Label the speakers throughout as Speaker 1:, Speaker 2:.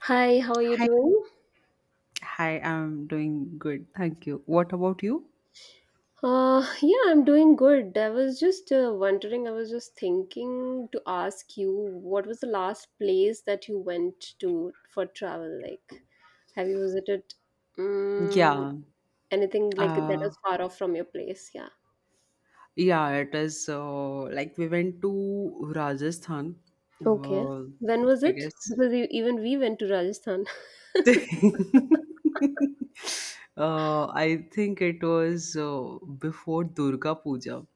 Speaker 1: Hi, how are you
Speaker 2: Hi.
Speaker 1: doing?
Speaker 2: Hi, I'm doing good. Thank you. What about you?
Speaker 1: Yeah, I'm doing good. I was just wondering, I was just thinking to ask you, what was the last place that you went to for travel? Like, have you visited um,
Speaker 2: Yeah.
Speaker 1: anything like that
Speaker 2: Uh,
Speaker 1: was far off from your place? Yeah.
Speaker 2: yeah, it is like we went to Rajasthan.
Speaker 1: Okay.
Speaker 2: Uh,
Speaker 1: When was
Speaker 2: I
Speaker 1: it?
Speaker 2: guess.
Speaker 1: Because even we went to Rajasthan.
Speaker 2: I think it was before Durga Puja.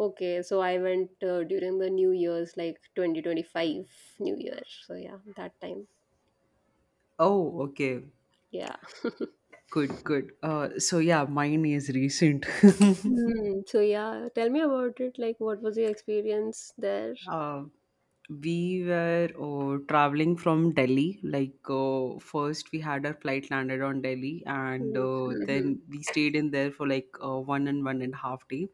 Speaker 1: Okay, so I went during the New Year's, like 2025 New Year. So yeah, that time.
Speaker 2: Oh, okay.
Speaker 1: Yeah.
Speaker 2: Good, good. So yeah, mine is recent.
Speaker 1: Mm, so yeah, tell me about it. Like, what was your experience there?
Speaker 2: Uh, we were traveling from Delhi. Like, first we had our flight landed on Delhi, and
Speaker 1: Mm-hmm.
Speaker 2: then we stayed in there for like one and one and a half day.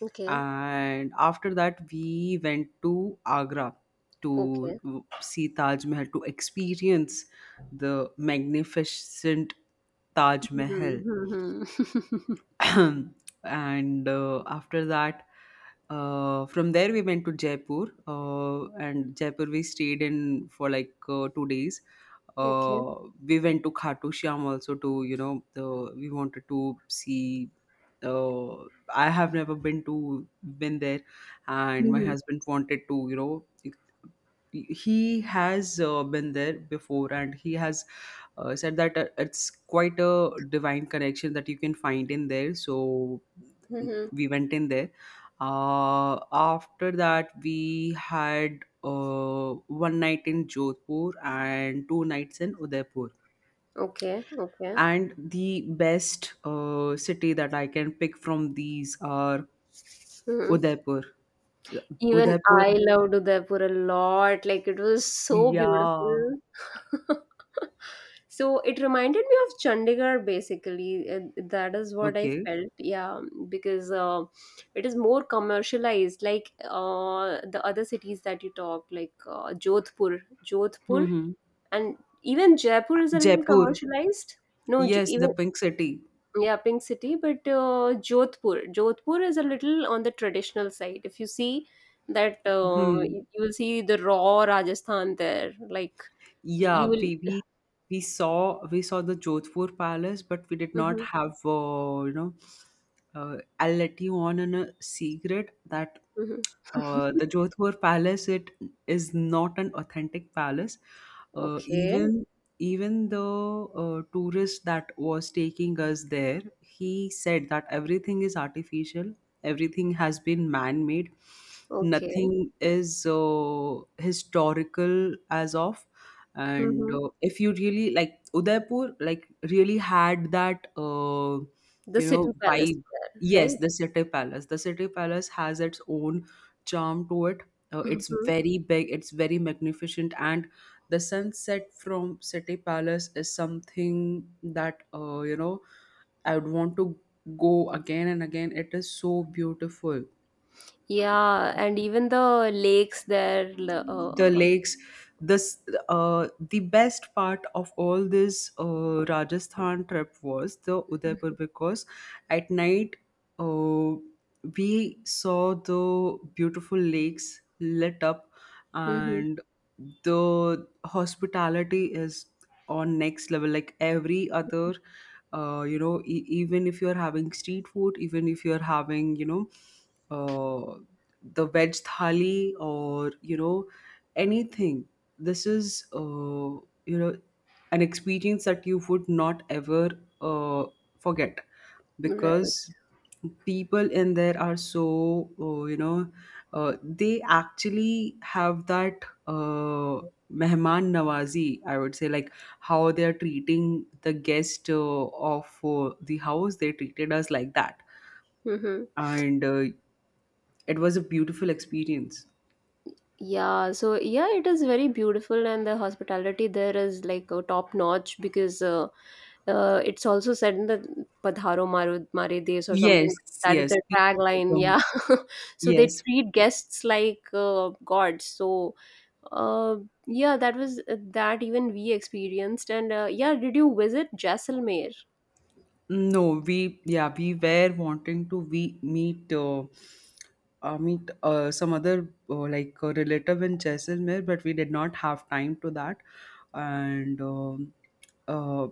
Speaker 1: Okay.
Speaker 2: And after that, we went to Agra to
Speaker 1: Okay.
Speaker 2: see Taj Mahal, to experience the magnificent Taj Mahal.
Speaker 1: Mm-hmm.
Speaker 2: And after that, from there we went to Jaipur, uh, and Jaipur we stayed in for like 2 days.
Speaker 1: Okay.
Speaker 2: uh, we went to Khatu Shyam also. To you know the, We wanted to see. uh, I have never been to been there, and my
Speaker 1: Mm-hmm.
Speaker 2: husband wanted to, you know, he has been there before, and he has said that it's quite a divine connection that you can find in there, so we went in there. After that we had one night in Jodhpur and two nights in Udaipur,
Speaker 1: Okay. Okay.
Speaker 2: and the best city that I can pick from these are
Speaker 1: Mm-hmm.
Speaker 2: Udaipur.
Speaker 1: Even
Speaker 2: Udaipur,
Speaker 1: I loved Udaipur a lot. Like it was so
Speaker 2: yeah.
Speaker 1: beautiful. So it reminded me of Chandigarh basically. That is what I
Speaker 2: Okay.
Speaker 1: felt. Yeah, because it is more commercialized, like the other cities that you talk, like Jodhpur,
Speaker 2: Hmm.
Speaker 1: and even Jaipur is a little
Speaker 2: Jaipur.
Speaker 1: commercialized. No,
Speaker 2: Yes, the
Speaker 1: even
Speaker 2: Pink City.
Speaker 1: yeah, Pink City, but Jodhpur is a little on the traditional side. If you see that,
Speaker 2: Hmm.
Speaker 1: you will see the raw Rajasthan there. Like you
Speaker 2: Yeah, we
Speaker 1: will.
Speaker 2: we we saw the Jodhpur Palace, but we did not
Speaker 1: Mhm,
Speaker 2: have, you know. I'll let you on in a secret that
Speaker 1: mhm.
Speaker 2: the Jodhpur Palace, it is not an authentic palace. Uh,
Speaker 1: Okay,
Speaker 2: even even the tourist that was taking us there, he said that everything is artificial, everything has been man-made,
Speaker 1: okay.
Speaker 2: nothing is historical as of. And
Speaker 1: Hmm.
Speaker 2: if you really like Udaipur, like really had that,
Speaker 1: The
Speaker 2: you know,
Speaker 1: city palace
Speaker 2: vibe.
Speaker 1: there,
Speaker 2: Yes,
Speaker 1: right?
Speaker 2: the city palace, the city palace has its own charm to it. It's
Speaker 1: Hmm.
Speaker 2: very big, it's very magnificent, and the sunset from city palace is something that, you know, I would want to go again and again. It is so beautiful.
Speaker 1: Yeah, and even the lakes there.
Speaker 2: The
Speaker 1: Uh,
Speaker 2: lakes. This The best part of all this Rajasthan trip was the Udaipur,
Speaker 1: mhm,
Speaker 2: because at night, uh, we saw the beautiful lakes lit up.
Speaker 1: mhm.
Speaker 2: And the hospitality is on next level. Like every other, you know, even if you're having street food, even if you're having, you know, uh, the veg thali, or you know, anything. This is you know, an experience that you would not ever uh, forget.
Speaker 1: Right.
Speaker 2: Because people in there are so, you know, they actually have that mehman nawazi, I would say. Like how they are treating the guest of the house, they treated us like that.
Speaker 1: Hmm.
Speaker 2: And it was a beautiful experience.
Speaker 1: Yeah, so yeah, it is very beautiful, and the hospitality there is like a top notch because it's also said in the Padharo Maru Mare Des or
Speaker 2: Yes.
Speaker 1: something. That is
Speaker 2: Yes,
Speaker 1: their
Speaker 2: please.
Speaker 1: tagline.
Speaker 2: Welcome.
Speaker 1: Yeah, so they
Speaker 2: Yes.
Speaker 1: treat guests like gods. So uh, yeah, that was that even we experienced. And yeah, did you visit Jaisalmer?
Speaker 2: No, we we were wanting to, we meet meet some other, like a relative in Jaisalmer, but we did not have time to that. And uh,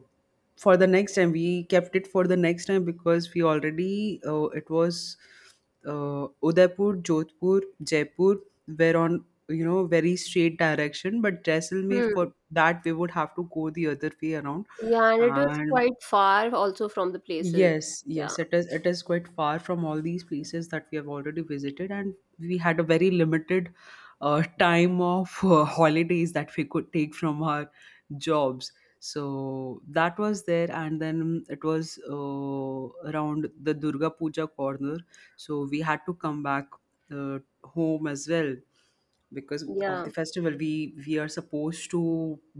Speaker 2: for the next time, we kept it for the next time, because we already, it was Udaipur, Jodhpur, Jaipur were on, you know, very straight direction, but Jaisalmer,
Speaker 1: Hmm.
Speaker 2: for that we would have to go the other way around.
Speaker 1: Yeah, and it was
Speaker 2: And
Speaker 1: quite far also from the places.
Speaker 2: yes,
Speaker 1: Yeah,
Speaker 2: yes, it is. It is quite far from all these places that we have already visited, and we had a very limited time of holidays that we could take from our jobs. So that was there, and then it was around the Durga Puja corner. So we had to come back home as well, because of the
Speaker 1: yeah.
Speaker 2: festival we are supposed to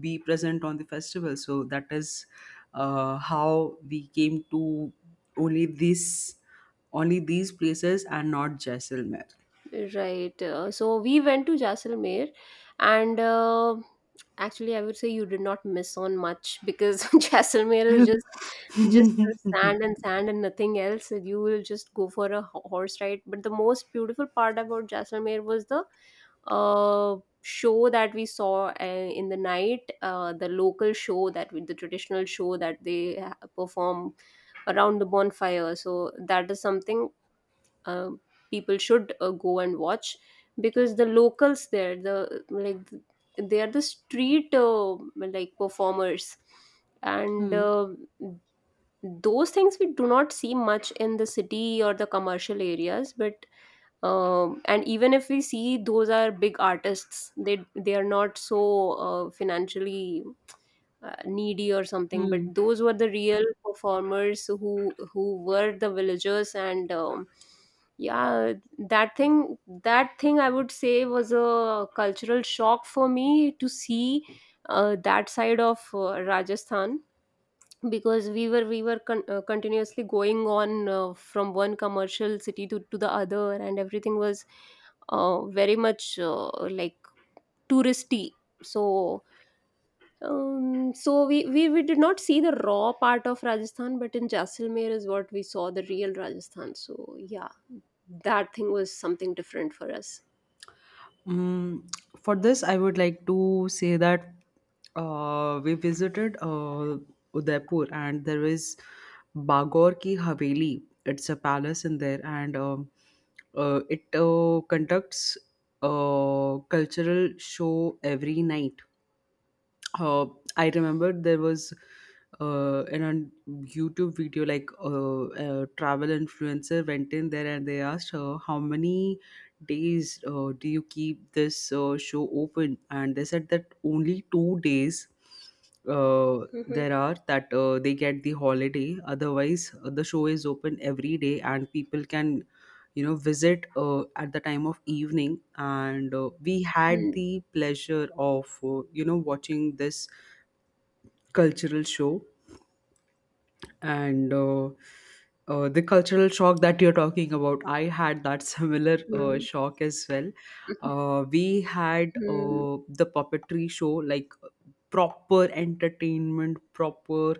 Speaker 2: be present on the festival. So that is how we came to only this only these places and not Jaisalmer.
Speaker 1: Right. So we went to Jaisalmer, and actually, I would say you did not miss on much because Jaisalmer is just sand and sand and nothing else. You will just go for a horse ride. But the most beautiful part about Jaisalmer was the uh, show that we saw in the night, the local show that the traditional show that they perform around the bonfire. So that is something uh, people should go and watch because the locals there the like they are the street like performers and
Speaker 2: Hmm.
Speaker 1: those things we do not see much in the city or the commercial areas, but and even if we see, those are big artists. They are not so financially needy or something, but
Speaker 2: Hmm.
Speaker 1: those were the real performers who were the villagers. And yeah, that thing that thing, I would say, was a cultural shock for me to see that side of Rajasthan, because we were continuously going on from one commercial city to the other, and everything was very much like touristy. So so we did not see the raw part of Rajasthan, but in Jaisalmer is what we saw the real Rajasthan. So yeah, that thing was something different for us.
Speaker 2: Mm, for this, I would like to say that we visited Udaipur and there is Bagor ki Haveli. It's a palace in there, and it conducts a cultural show every night. uh, I remember there was an on YouTube video, like a travel influencer went in there, and they asked her how many days do you keep this show open, and they said that only 2 days uh,
Speaker 1: Hmm.
Speaker 2: there are that they get the holiday, otherwise the show is open every day and people can, you know, visit at the time of evening. And we had
Speaker 1: Hmm.
Speaker 2: the pleasure of, you know, watching this cultural show. And the cultural shock that you're talking about, I had that similar
Speaker 1: Hmm.
Speaker 2: shock as well. We had
Speaker 1: Hmm.
Speaker 2: the puppetry show, like proper entertainment, proper.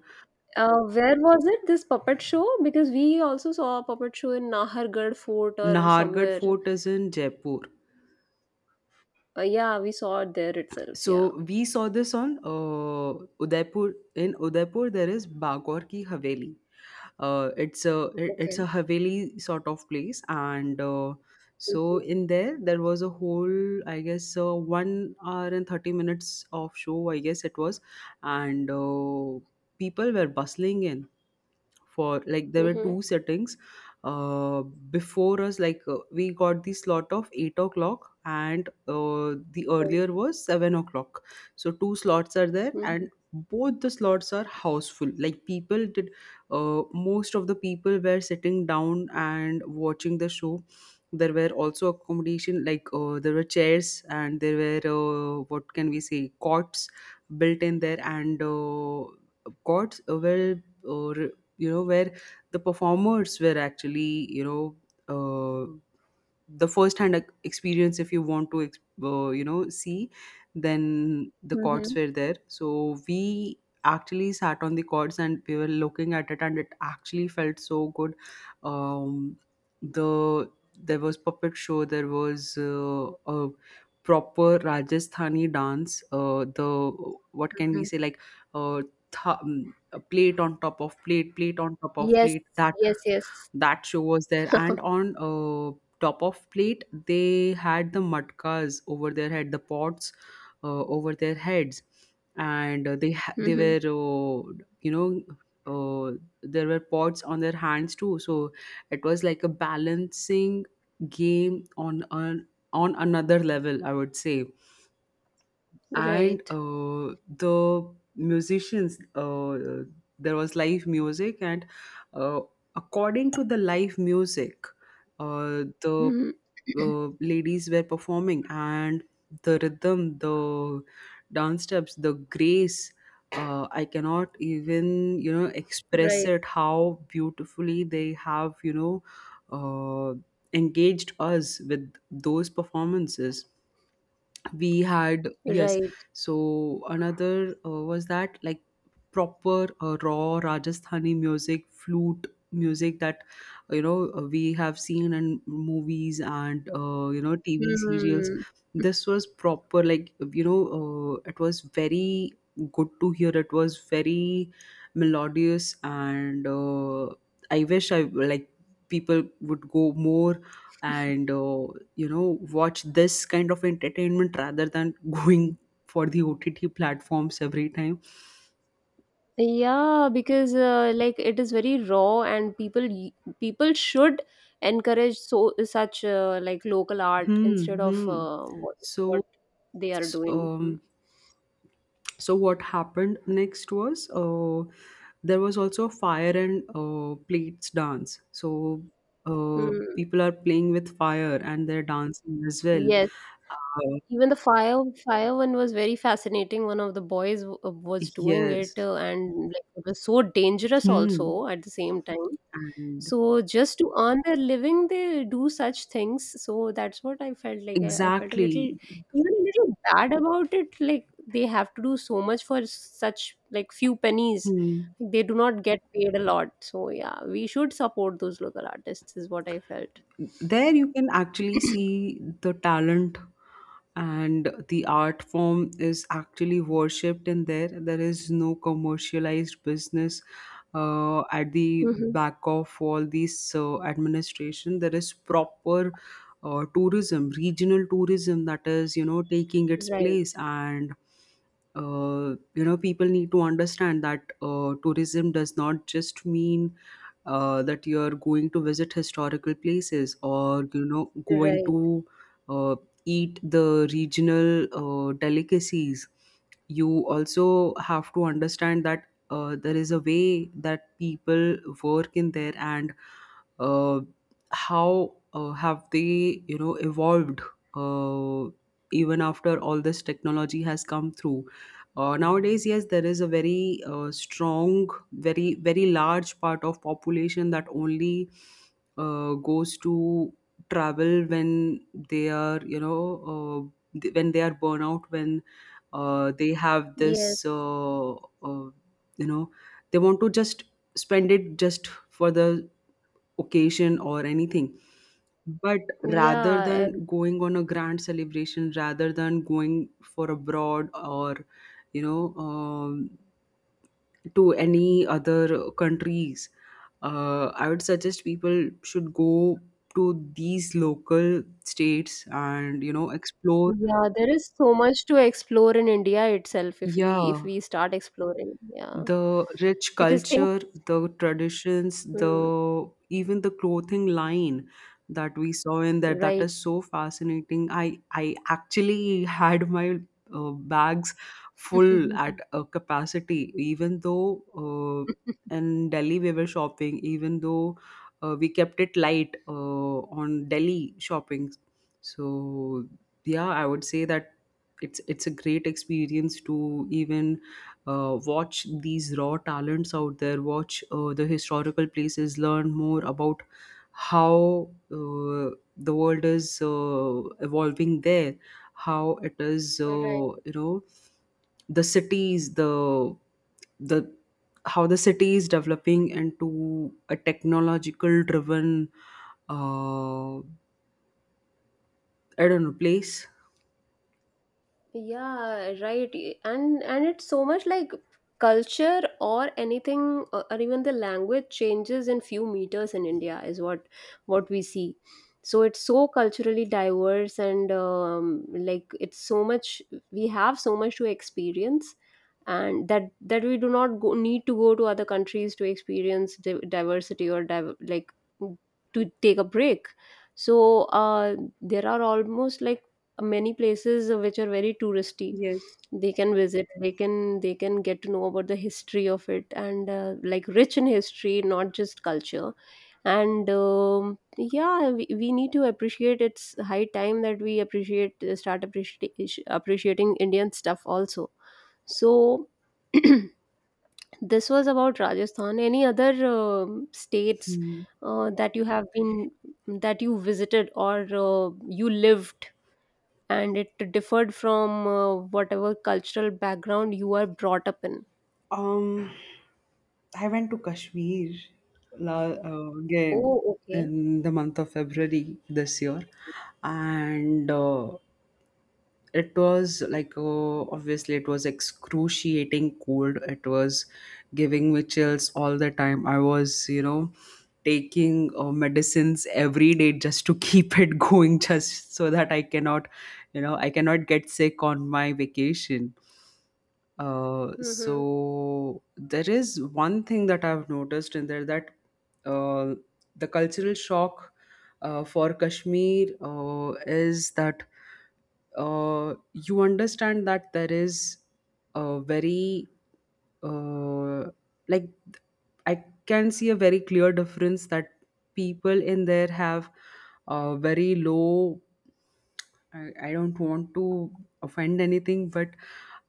Speaker 1: Where was it, this puppet show? Because we also saw a puppet show in Nahargarh Fort or
Speaker 2: Nahargarh
Speaker 1: somewhere.
Speaker 2: fort is in Jaipur.
Speaker 1: Yeah, we saw it there itself. Yeah.
Speaker 2: So we saw this on Udaipur. In Udaipur, there is Bagor ki Haveli. It's a, it's
Speaker 1: Okay.
Speaker 2: a haveli sort of place, and so in there there was a whole, I guess, 1 hour and 30 minutes of show. I guess it was. And people were bustling in, for like there were
Speaker 1: Mm-hmm.
Speaker 2: two settings uh before us. Like we got the slot of 8 o'clock and the earlier was 7 o'clock, so two slots are there.
Speaker 1: Mm-hmm.
Speaker 2: And both the slots are houseful. Like people did most of the people were sitting down and watching the show. There were also accommodation, like there were chairs and there were, what can we say, cots built in there. And cots were, uh, you know, where the performers were actually, you know, uh, the first hand experience, if you want to you know, see. Then the chords
Speaker 1: Mm-hmm.
Speaker 2: were there, so we actually sat on the chords, and we were looking at it, and it actually felt so good. um the there was puppet show, there was a proper Rajasthani dance. The, what can we say, like, uh, a plate on top of plate, plate on top of
Speaker 1: Yes,
Speaker 2: plate that,
Speaker 1: yes, yes.
Speaker 2: that show was there. And on, top of plate, they had the matkas over their head, the pots over their heads. And they
Speaker 1: Hmm.
Speaker 2: were, you know, uh, there were pots on their hands too. So it was like a balancing game on an, on another level, I would say. And
Speaker 1: Right.
Speaker 2: the musicians, there was live music. And uh, according to the live music, the
Speaker 1: Mhm.
Speaker 2: ladies were performing. And the rhythm, the dance steps, the grace, I cannot even, you know, express
Speaker 1: Right.
Speaker 2: it how beautifully they have, you know, uh, engaged us with those performances. We had, yes.
Speaker 1: Right.
Speaker 2: So another was that, like proper raw Rajasthani music, flute music, that you know, we have seen in movies, and you know, TV serials.
Speaker 1: Hmm.
Speaker 2: This was proper, like, you know, it was very good to hear, it was very melodious. And I wish I, like, people would go more, and you know, watch this kind of entertainment rather than going for the OTT platforms every time.
Speaker 1: Yeah, because like it is very raw, and people people should encourage so such like local art instead
Speaker 2: Hmm.
Speaker 1: of
Speaker 2: Hmm.
Speaker 1: what
Speaker 2: So,
Speaker 1: they are
Speaker 2: s-
Speaker 1: doing. Hmm.
Speaker 2: um, so what happened next was, there was also fire and plates dance. So
Speaker 1: Mm.
Speaker 2: people are playing with fire and they're dancing as well.
Speaker 1: Yes,
Speaker 2: Uh,
Speaker 1: even the fire fire one was very fascinating. One of the boys was doing it,
Speaker 2: yes.
Speaker 1: and like, it was so dangerous
Speaker 2: Hmm.
Speaker 1: also at the same time.
Speaker 2: And
Speaker 1: So just to earn their living, they do such things. So that's what I felt like. I felt a little,
Speaker 2: exactly.
Speaker 1: even a little bad about it. Like they have to do so much for such like few pennies.
Speaker 2: Hmm.
Speaker 1: Like, they do not get paid a lot. So yeah, we should support those local artists. Is what I felt.
Speaker 2: There you can actually see the talent, and the art form is actually worshipped in there. There is no commercialized business at the
Speaker 1: Mhm.
Speaker 2: back of all these administration. There is proper tourism, regional tourism, that is, you know, taking its
Speaker 1: Right.
Speaker 2: place. And you know, people need to understand that tourism does not just mean that you're going to visit historical places, or you know, going
Speaker 1: Right.
Speaker 2: to uh, eat the regional delicacies. You also have to understand that there is a way that people work in there, and uh, how have they, you know, evolved, uh, even after all this technology has come through. Nowadays, yes, there is a very, strong, very large part of population that only goes to travel when they are, you know, when they are burnout, when they have
Speaker 1: Yes.
Speaker 2: this, you know, they want to just spend it just for the occasion or anything. But rather
Speaker 1: Yeah.
Speaker 2: than going on a grand celebration, rather than going for abroad or you know, to any other countries, I would suggest people should go to these local states and, you know, explore.
Speaker 1: Yeah. There is so much to explore in India itself if we if
Speaker 2: Yeah,
Speaker 1: we start exploring. Yeah.
Speaker 2: the rich
Speaker 1: Because things.
Speaker 2: culture, the traditions,
Speaker 1: Hmm.
Speaker 2: the, even the clothing line that we saw in there, that
Speaker 1: Right.
Speaker 2: is so fascinating. I actually had my bags full at a capacity, even though in Delhi we were shopping, even though we kept it light on Delhi shopping. So yeah, I would say that it's a great experience to even watch these raw talents out there, watch the historical places, learn more about how the world is evolving there, how it is,
Speaker 1: Right.
Speaker 2: the cities, the how the city is developing into a technological driven uh, I don't know place.
Speaker 1: Yeah, right. And it's so much like culture or anything or even the language changes in few meters in India is what we see. So it's so culturally diverse, and like it's so much, we have so much to experience, and that we do not go, need to go to other countries to experience diversity or like to take a break. So there are almost like many places which are very touristy.
Speaker 2: Yes.
Speaker 1: They can visit, they can get to know about the history of it. And like rich in history, not just culture. And yeah, we need to appreciate, it's high time that we appreciate start appreciating appreciating Indian stuff also. So this was about Rajasthan. Any other states
Speaker 2: Hmm.
Speaker 1: that you have been, that you visited or you lived, and it differed from whatever cultural background you are brought up in.
Speaker 2: Um, I went to Kashmir, again,
Speaker 1: Oh, okay.
Speaker 2: in the month of February this year, and it was like obviously it was excruciating cold. It was giving me chills all the time. I was, taking medicines every day just to keep it going, just so that I cannot get sick on my vacation. Uh,
Speaker 1: Mm-hmm.
Speaker 2: so there is one thing that I've noticed in there, that uh, the cultural shock for Kashmir is that you understand that there is a very uh, like I can see a very clear difference that people in there have very low. I don't want to offend anything, but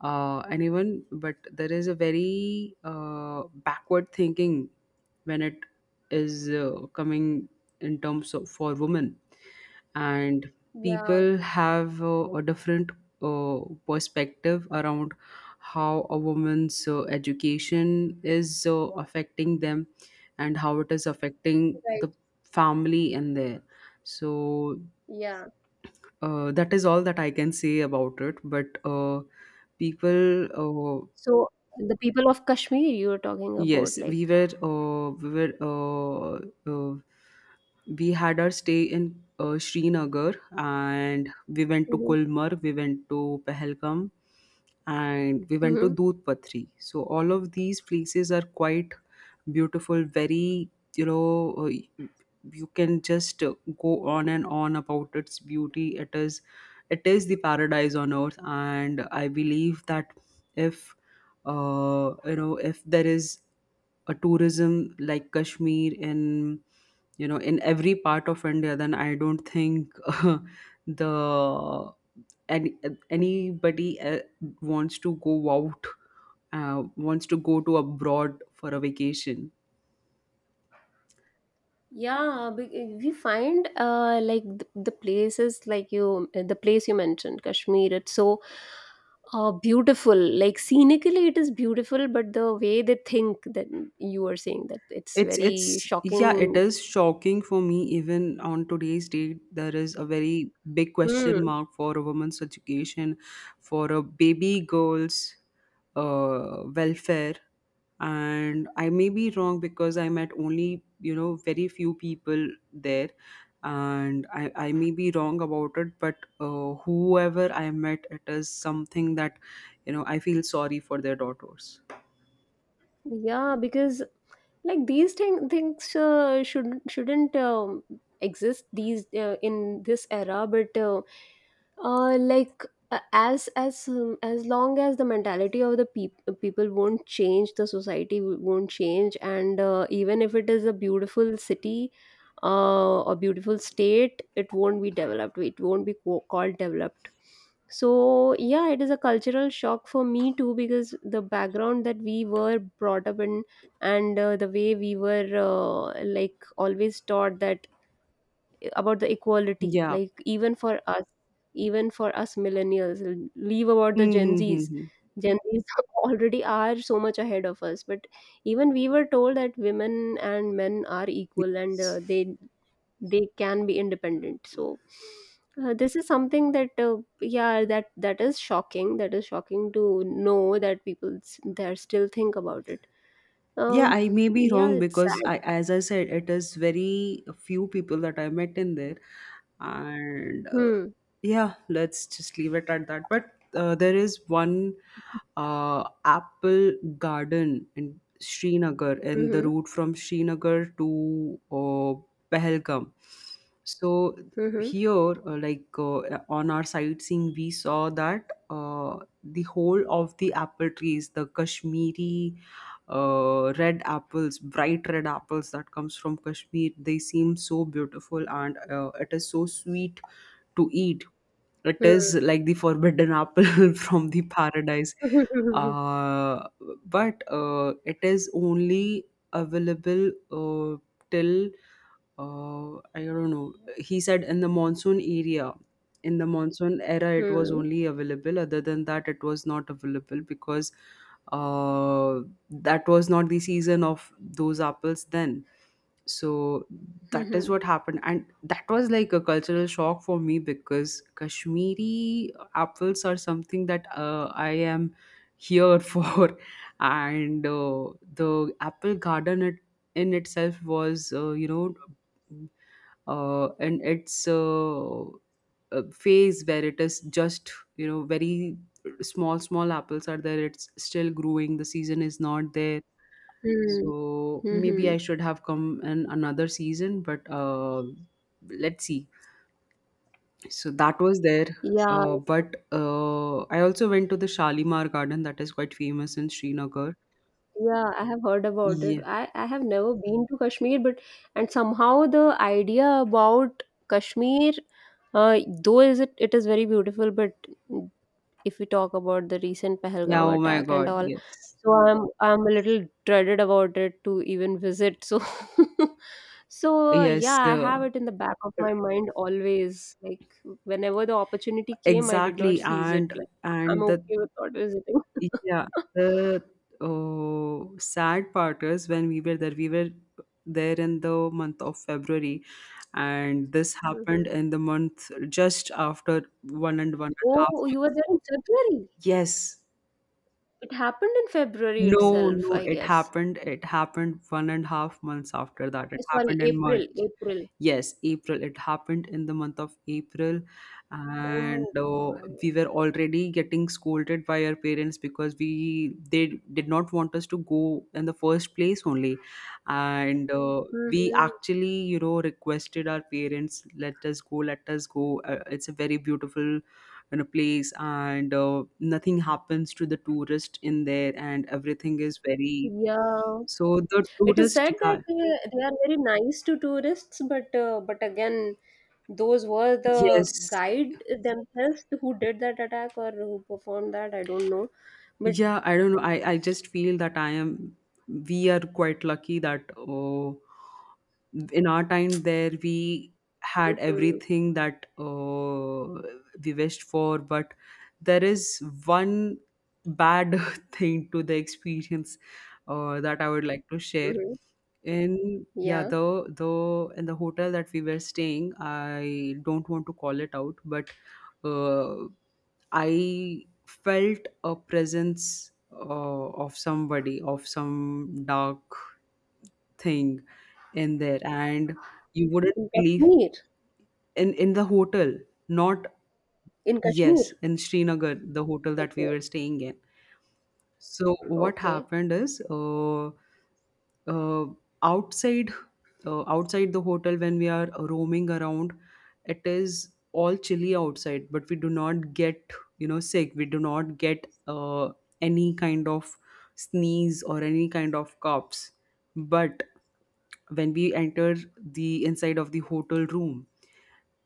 Speaker 2: anyone, but there is a very backward thinking when it is coming in terms of for women, and
Speaker 1: Yeah,
Speaker 2: people have a different uh, perspective around how a woman's education is affecting them and how it is affecting
Speaker 1: right.
Speaker 2: the family in there. So
Speaker 1: Yeah.
Speaker 2: that is all that I can say about it. But people,
Speaker 1: So the people of Kashmir you were talking about,
Speaker 2: yes,
Speaker 1: like.
Speaker 2: uh, we had our stay in Srinagar, and we went to
Speaker 1: Hmm.
Speaker 2: Kulmar, we went to Pahalgam, and we went to
Speaker 1: Hmm.
Speaker 2: Dudhpatri. So all of these places are quite beautiful, very you know uh, you can just go on and on about its beauty. It is the paradise on earth, and I believe that if if there is a tourism like Kashmir in in every part of India, then I don't think the any, anybody wants to go out wants to go to abroad for a vacation.
Speaker 1: Yeah, we find like the places like you, the place you mentioned, Kashmir. It's so beautiful. Like scenically, it is beautiful, but the way they think, that you are saying, that it's very
Speaker 2: It's yeah, it
Speaker 1: shocking.
Speaker 2: is shocking for me even on today's date. There is a very big
Speaker 1: Hmm.
Speaker 2: question mark for a woman's education, for a baby girl's welfare. And I may be wrong because I met only very few people there, and I may be wrong about it. But whoever I met, it is something that I feel sorry for their daughters.
Speaker 1: Yeah, because like these thing, things shouldn't exist these in this era, but like as long as the mentality of the people won't change, the society won't change. And even if it is a beautiful city or beautiful state, it won't be developed, it won't be called developed. So yeah, it is a cultural shock for me too, because the background that we were brought up in and the way we were like always taught, that about the equality,
Speaker 2: Yeah.
Speaker 1: like even for us millennials, leave about the
Speaker 2: Hmm.
Speaker 1: gen
Speaker 2: Hmm, hmm,
Speaker 1: z's,
Speaker 2: hmm.
Speaker 1: gen z's already are so much ahead of us. But even we were told that women and men are equal, and they can be independent. So this is something that yeah, that is shocking, that is shocking to know that people there still think about it.
Speaker 2: Yeah,
Speaker 1: Um,
Speaker 2: I may be
Speaker 1: yeah,
Speaker 2: wrong
Speaker 1: it's
Speaker 2: because
Speaker 1: sad.
Speaker 2: I, as I said, it is very few people that I met in there, and
Speaker 1: Hmm.
Speaker 2: yeah, let's just leave it at that. But there is one apple garden in Srinagar, and the
Speaker 1: Mm-hmm.
Speaker 2: route from Srinagar to Pahalgam. So
Speaker 1: Mm-hmm.
Speaker 2: here, like, on our sightseeing, we saw that the whole of the apple trees, the Kashmiri red apples, bright red apples that comes from Kashmir, they seem so beautiful, and it is so sweet to eat. It
Speaker 1: Hmm.
Speaker 2: is like the forbidden apple from the paradise. Uh, but uh, it is only available till I don't know. He said in the in the monsoon era, it was
Speaker 1: Hmm.
Speaker 2: only available. Other than that, it was not available because uh, that was not the season of those apples then. So that is
Speaker 1: Mhm.
Speaker 2: what happened, and that was like a cultural shock for me because Kashmiri apples are something that I am here for. And the apple garden, it, in itself was and its phase where it is just very small small apples are there, it's still growing, the season is not there.
Speaker 1: Mm.
Speaker 2: So maybe I
Speaker 1: Mhm.
Speaker 2: should have come in another season, but let's see, so that was there.
Speaker 1: Yeah,
Speaker 2: But I also went to the Shalimar Garden that is quite famous in Srinagar.
Speaker 1: yeah, I have heard about it.
Speaker 2: Yeah,
Speaker 1: I have never been to Kashmir, but and somehow the idea about Kashmir, though is it, it is very beautiful, but if we talk about the recent
Speaker 2: yeah,
Speaker 1: Pahalgam
Speaker 2: oh my
Speaker 1: attack and
Speaker 2: God.
Speaker 1: all.
Speaker 2: Yes,
Speaker 1: So I'm a little dreaded about it to even visit. So so yeah,
Speaker 2: yes.
Speaker 1: I have it in the back of my mind always. Like whenever the opportunity came, I did not
Speaker 2: Exactly,
Speaker 1: seize it.
Speaker 2: and
Speaker 1: Like I'm
Speaker 2: and the.
Speaker 1: okay with not visiting.
Speaker 2: Yeah, the oh, sad part is when we were there in the month of February, and this happened
Speaker 1: Mhm.
Speaker 2: in the month just after one and one and a half
Speaker 1: Oh, you were
Speaker 2: month.
Speaker 1: there in February.
Speaker 2: Yes.
Speaker 1: It happened in February
Speaker 2: No,
Speaker 1: itself,
Speaker 2: no,
Speaker 1: I
Speaker 2: it
Speaker 1: guess.
Speaker 2: happened. It happened 1.5 months after that. It
Speaker 1: Eh, sorry,
Speaker 2: happened in March.
Speaker 1: April. April.
Speaker 2: Yes, April. It happened in the month of April, and
Speaker 1: Oh my God.
Speaker 2: we were already getting scolded by our parents because we they did not want us to go in the first place only, and we
Speaker 1: Mm-hmm.
Speaker 2: actually requested our parents, let us go, let us go. It's a very beautiful in a place, and nothing happens to the tourist in there, and everything is very.
Speaker 1: Yeah.
Speaker 2: So the
Speaker 1: It is
Speaker 2: tourist
Speaker 1: said that
Speaker 2: guy.
Speaker 1: they are very nice to tourists, but again, those were the
Speaker 2: Yes.
Speaker 1: guide themselves who did that attack or who performed that. I don't know, but
Speaker 2: Yeah, I don't know, I just feel that I am we are quite lucky that, oh, in our time there, we had
Speaker 1: mhm,
Speaker 2: everything that we wished for. But there is one bad thing to the experience that I would like to share
Speaker 1: mhm,
Speaker 2: in, yeah,
Speaker 1: yeah,
Speaker 2: though in the hotel that we were staying, I don't want to call it out. But uh, I felt a presence of somebody, of some dark thing in there, and you wouldn't
Speaker 1: in
Speaker 2: believe.
Speaker 1: Kashmir,
Speaker 2: In the hotel. Not.
Speaker 1: in Kashmir.
Speaker 2: Yes, in Srinagar, the hotel that we
Speaker 1: Okay,
Speaker 2: were staying in. So what
Speaker 1: okay.
Speaker 2: happened is uh, outside outside the hotel when we are roaming around, it is all chilly outside, but we do not get sick, we do not get any kind of sneeze or any kind of coughs. But when we entered the inside of the hotel room,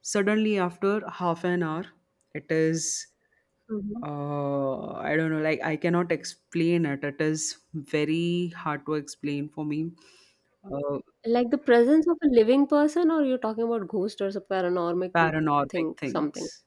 Speaker 2: suddenly after half an hour, it is
Speaker 1: Mhm.
Speaker 2: I don't know, like, I cannot explain it, it is very hard to explain for me. uh,
Speaker 1: Like the presence of a living person, or you're talking about ghost or some paranormal
Speaker 2: Paranormal
Speaker 1: thing, something.
Speaker 2: things.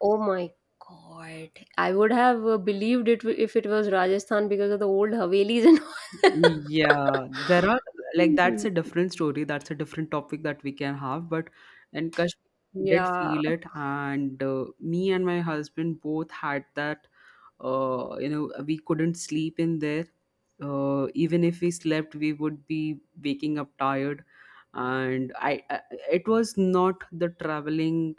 Speaker 1: Oh my god. I would have believed it if it was Rajasthan because of the old Havelis and all.
Speaker 2: Yeah, there are, like, that's a different story. That's a different topic that we can have. But in Kashmir, we did
Speaker 1: Yeah.
Speaker 2: feel it, and me and my husband both had that. You know, we couldn't sleep in there. Even if we slept, we would be waking up tired, and I it was not the traveling,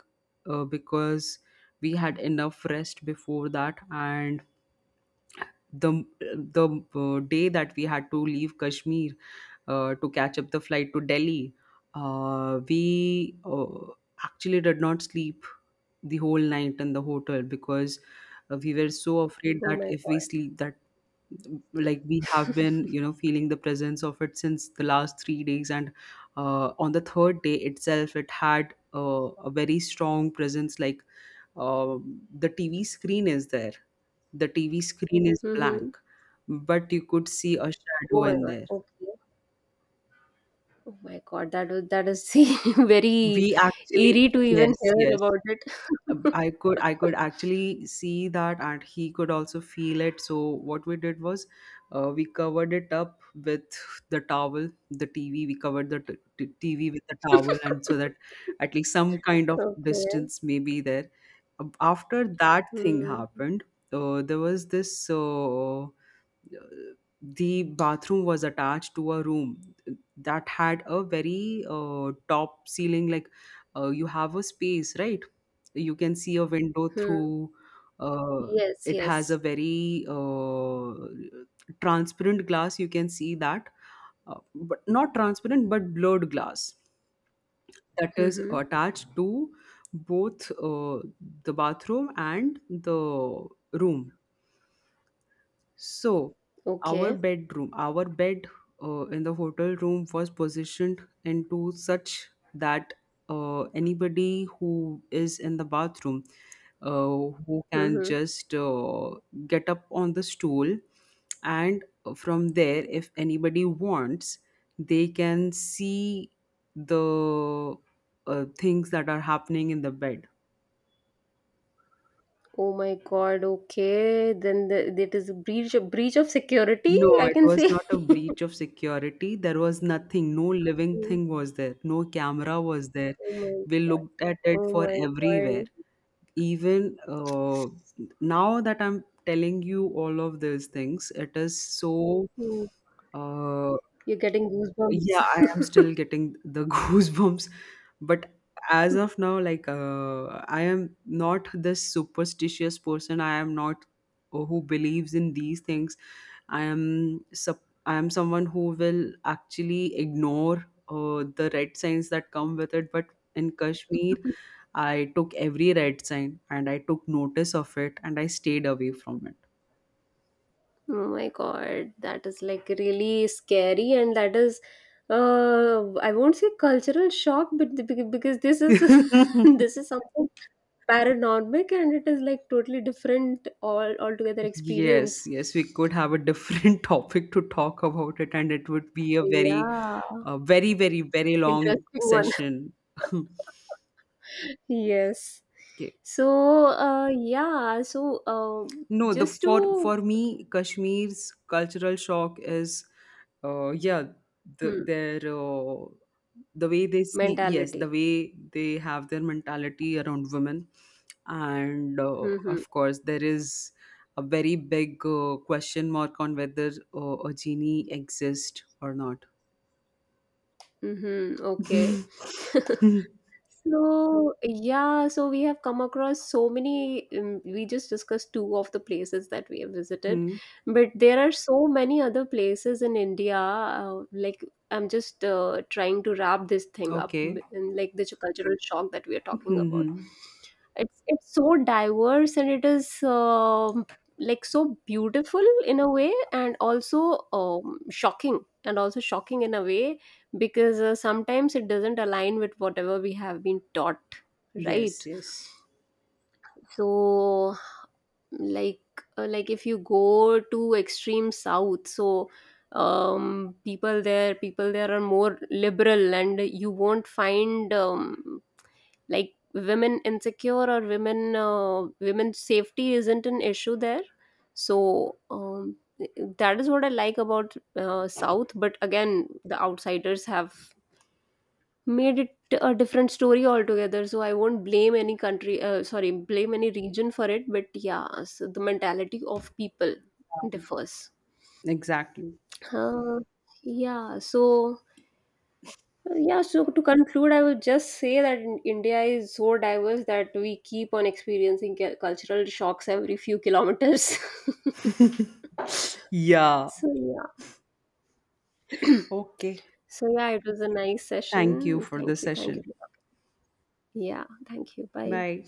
Speaker 2: because we had enough rest before that, and the the day that we had to leave Kashmir to catch up the flight to Delhi, we actually did not sleep the whole night in the hotel, because we were so afraid
Speaker 1: Oh
Speaker 2: that
Speaker 1: my
Speaker 2: if we
Speaker 1: god.
Speaker 2: sleep, that, like, we have been feeling the presence of it since the last 3 days, and on the third day itself, it had a very strong presence, like uh, the TV screen is there, the TV screen is
Speaker 1: Mm-hmm.
Speaker 2: blank, but you could see a
Speaker 1: Oh
Speaker 2: shadow
Speaker 1: my
Speaker 2: in
Speaker 1: god.
Speaker 2: there.
Speaker 1: Okay. Oh my god. That was that is very
Speaker 2: We actually,
Speaker 1: eerie to even
Speaker 2: yes,
Speaker 1: hear
Speaker 2: yes.
Speaker 1: about it.
Speaker 2: I could actually see that, and he could also feel it. So what we did was, we covered it up with the towel, the TV. We covered the TV with the towel, and so that at least some kind of
Speaker 1: Okay.
Speaker 2: distance may be there. After that thing
Speaker 1: Hmm.
Speaker 2: happened, there was this, the bathroom was attached to a room that had a very top ceiling, like, you have a space, right, you can see a window
Speaker 1: Hmm.
Speaker 2: through. uh,
Speaker 1: Yes.
Speaker 2: it has a
Speaker 1: Yes.
Speaker 2: very transparent glass, you can see that, but not transparent but blurred glass, that is
Speaker 1: Mm-hmm.
Speaker 2: attached to both the bathroom and the room. So our
Speaker 1: Okay.
Speaker 2: bedroom, our bed in the hotel room was positioned into such that anybody who is in the bathroom, uh, who can
Speaker 1: Mm-hmm.
Speaker 2: just get up on the stool, and from there, if anybody wants, they can see the things that are happening in the bed.
Speaker 1: Oh my God, okay. Then the, that is a breach of security,
Speaker 2: No,
Speaker 1: I
Speaker 2: it
Speaker 1: can
Speaker 2: was
Speaker 1: say.
Speaker 2: not a breach of security. There was nothing. No living
Speaker 1: Mm,
Speaker 2: thing was there. No camera was there.
Speaker 1: oh my
Speaker 2: We
Speaker 1: God.
Speaker 2: looked at it
Speaker 1: Oh
Speaker 2: for
Speaker 1: my
Speaker 2: everywhere.
Speaker 1: God.
Speaker 2: Even now that I'm telling you all of these things, it is so
Speaker 1: Mm,
Speaker 2: uh,
Speaker 1: you're getting
Speaker 2: yeah, I am
Speaker 1: goosebumps.
Speaker 2: still getting the goosebumps. But as of now, like, I am not this superstitious person. I am not who believes in these things. I am someone who will actually ignore the red signs that come with it. But in Kashmir, I took every red sign and I took notice of it and I stayed away from
Speaker 1: Oh my God, that is like really scary, and that is, I won't say cultural shock, but because this is
Speaker 2: it.
Speaker 1: this is something paranormal, and it is like totally different all altogether
Speaker 2: Yes,
Speaker 1: experience.
Speaker 2: yes, we could have a different topic to talk about it, and it would be a very,
Speaker 1: Yeah.
Speaker 2: very, very, very long
Speaker 1: Interesting one.
Speaker 2: session.
Speaker 1: Yes.
Speaker 2: Okay.
Speaker 1: So, yeah, so
Speaker 2: No, the
Speaker 1: just to
Speaker 2: for me, Kashmir's cultural shock is, yeah,
Speaker 1: hmm,
Speaker 2: their, the way they see, yes, the
Speaker 1: mentality.
Speaker 2: way they have their mentality around women, and
Speaker 1: Mm-hmm.
Speaker 2: of course there is a very big question mark on whether a genie exists or not.
Speaker 1: Mm-hmm. Okay. So, yeah, so we have come across so many. We just discussed two of the places that we have visited,
Speaker 2: Hmm.
Speaker 1: but there are so many other places in India. Like, I'm just trying to wrap this thing up
Speaker 2: Okay.
Speaker 1: and like the cultural shock that we are talking about.
Speaker 2: Hmm.
Speaker 1: It's so diverse and it is like so beautiful in a way, and also shocking, and also shocking in a way because sometimes it doesn't align with whatever we have been taught,
Speaker 2: Yes.
Speaker 1: right?
Speaker 2: Yes.
Speaker 1: So like like if you go to extreme south, so people there are more liberal and you won't find like women insecure or women's safety isn't an issue there. So that is what I like about south, but again the outsiders have made it a different story altogether. So I won't blame any country, sorry, blame any region for it. But yeah, so the mentality of people differs.
Speaker 2: Exactly.
Speaker 1: Uh, yeah, so yeah, so to conclude, I would just say that India is so diverse that we keep on experiencing cultural shocks every few kilometers.
Speaker 2: Yeah.
Speaker 1: So yeah,
Speaker 2: Okay.
Speaker 1: so yeah, it was a nice
Speaker 2: Thank you
Speaker 1: session.
Speaker 2: for the
Speaker 1: Thank you, thank you.
Speaker 2: session.
Speaker 1: Yeah, thank you. Bye.
Speaker 2: Bye.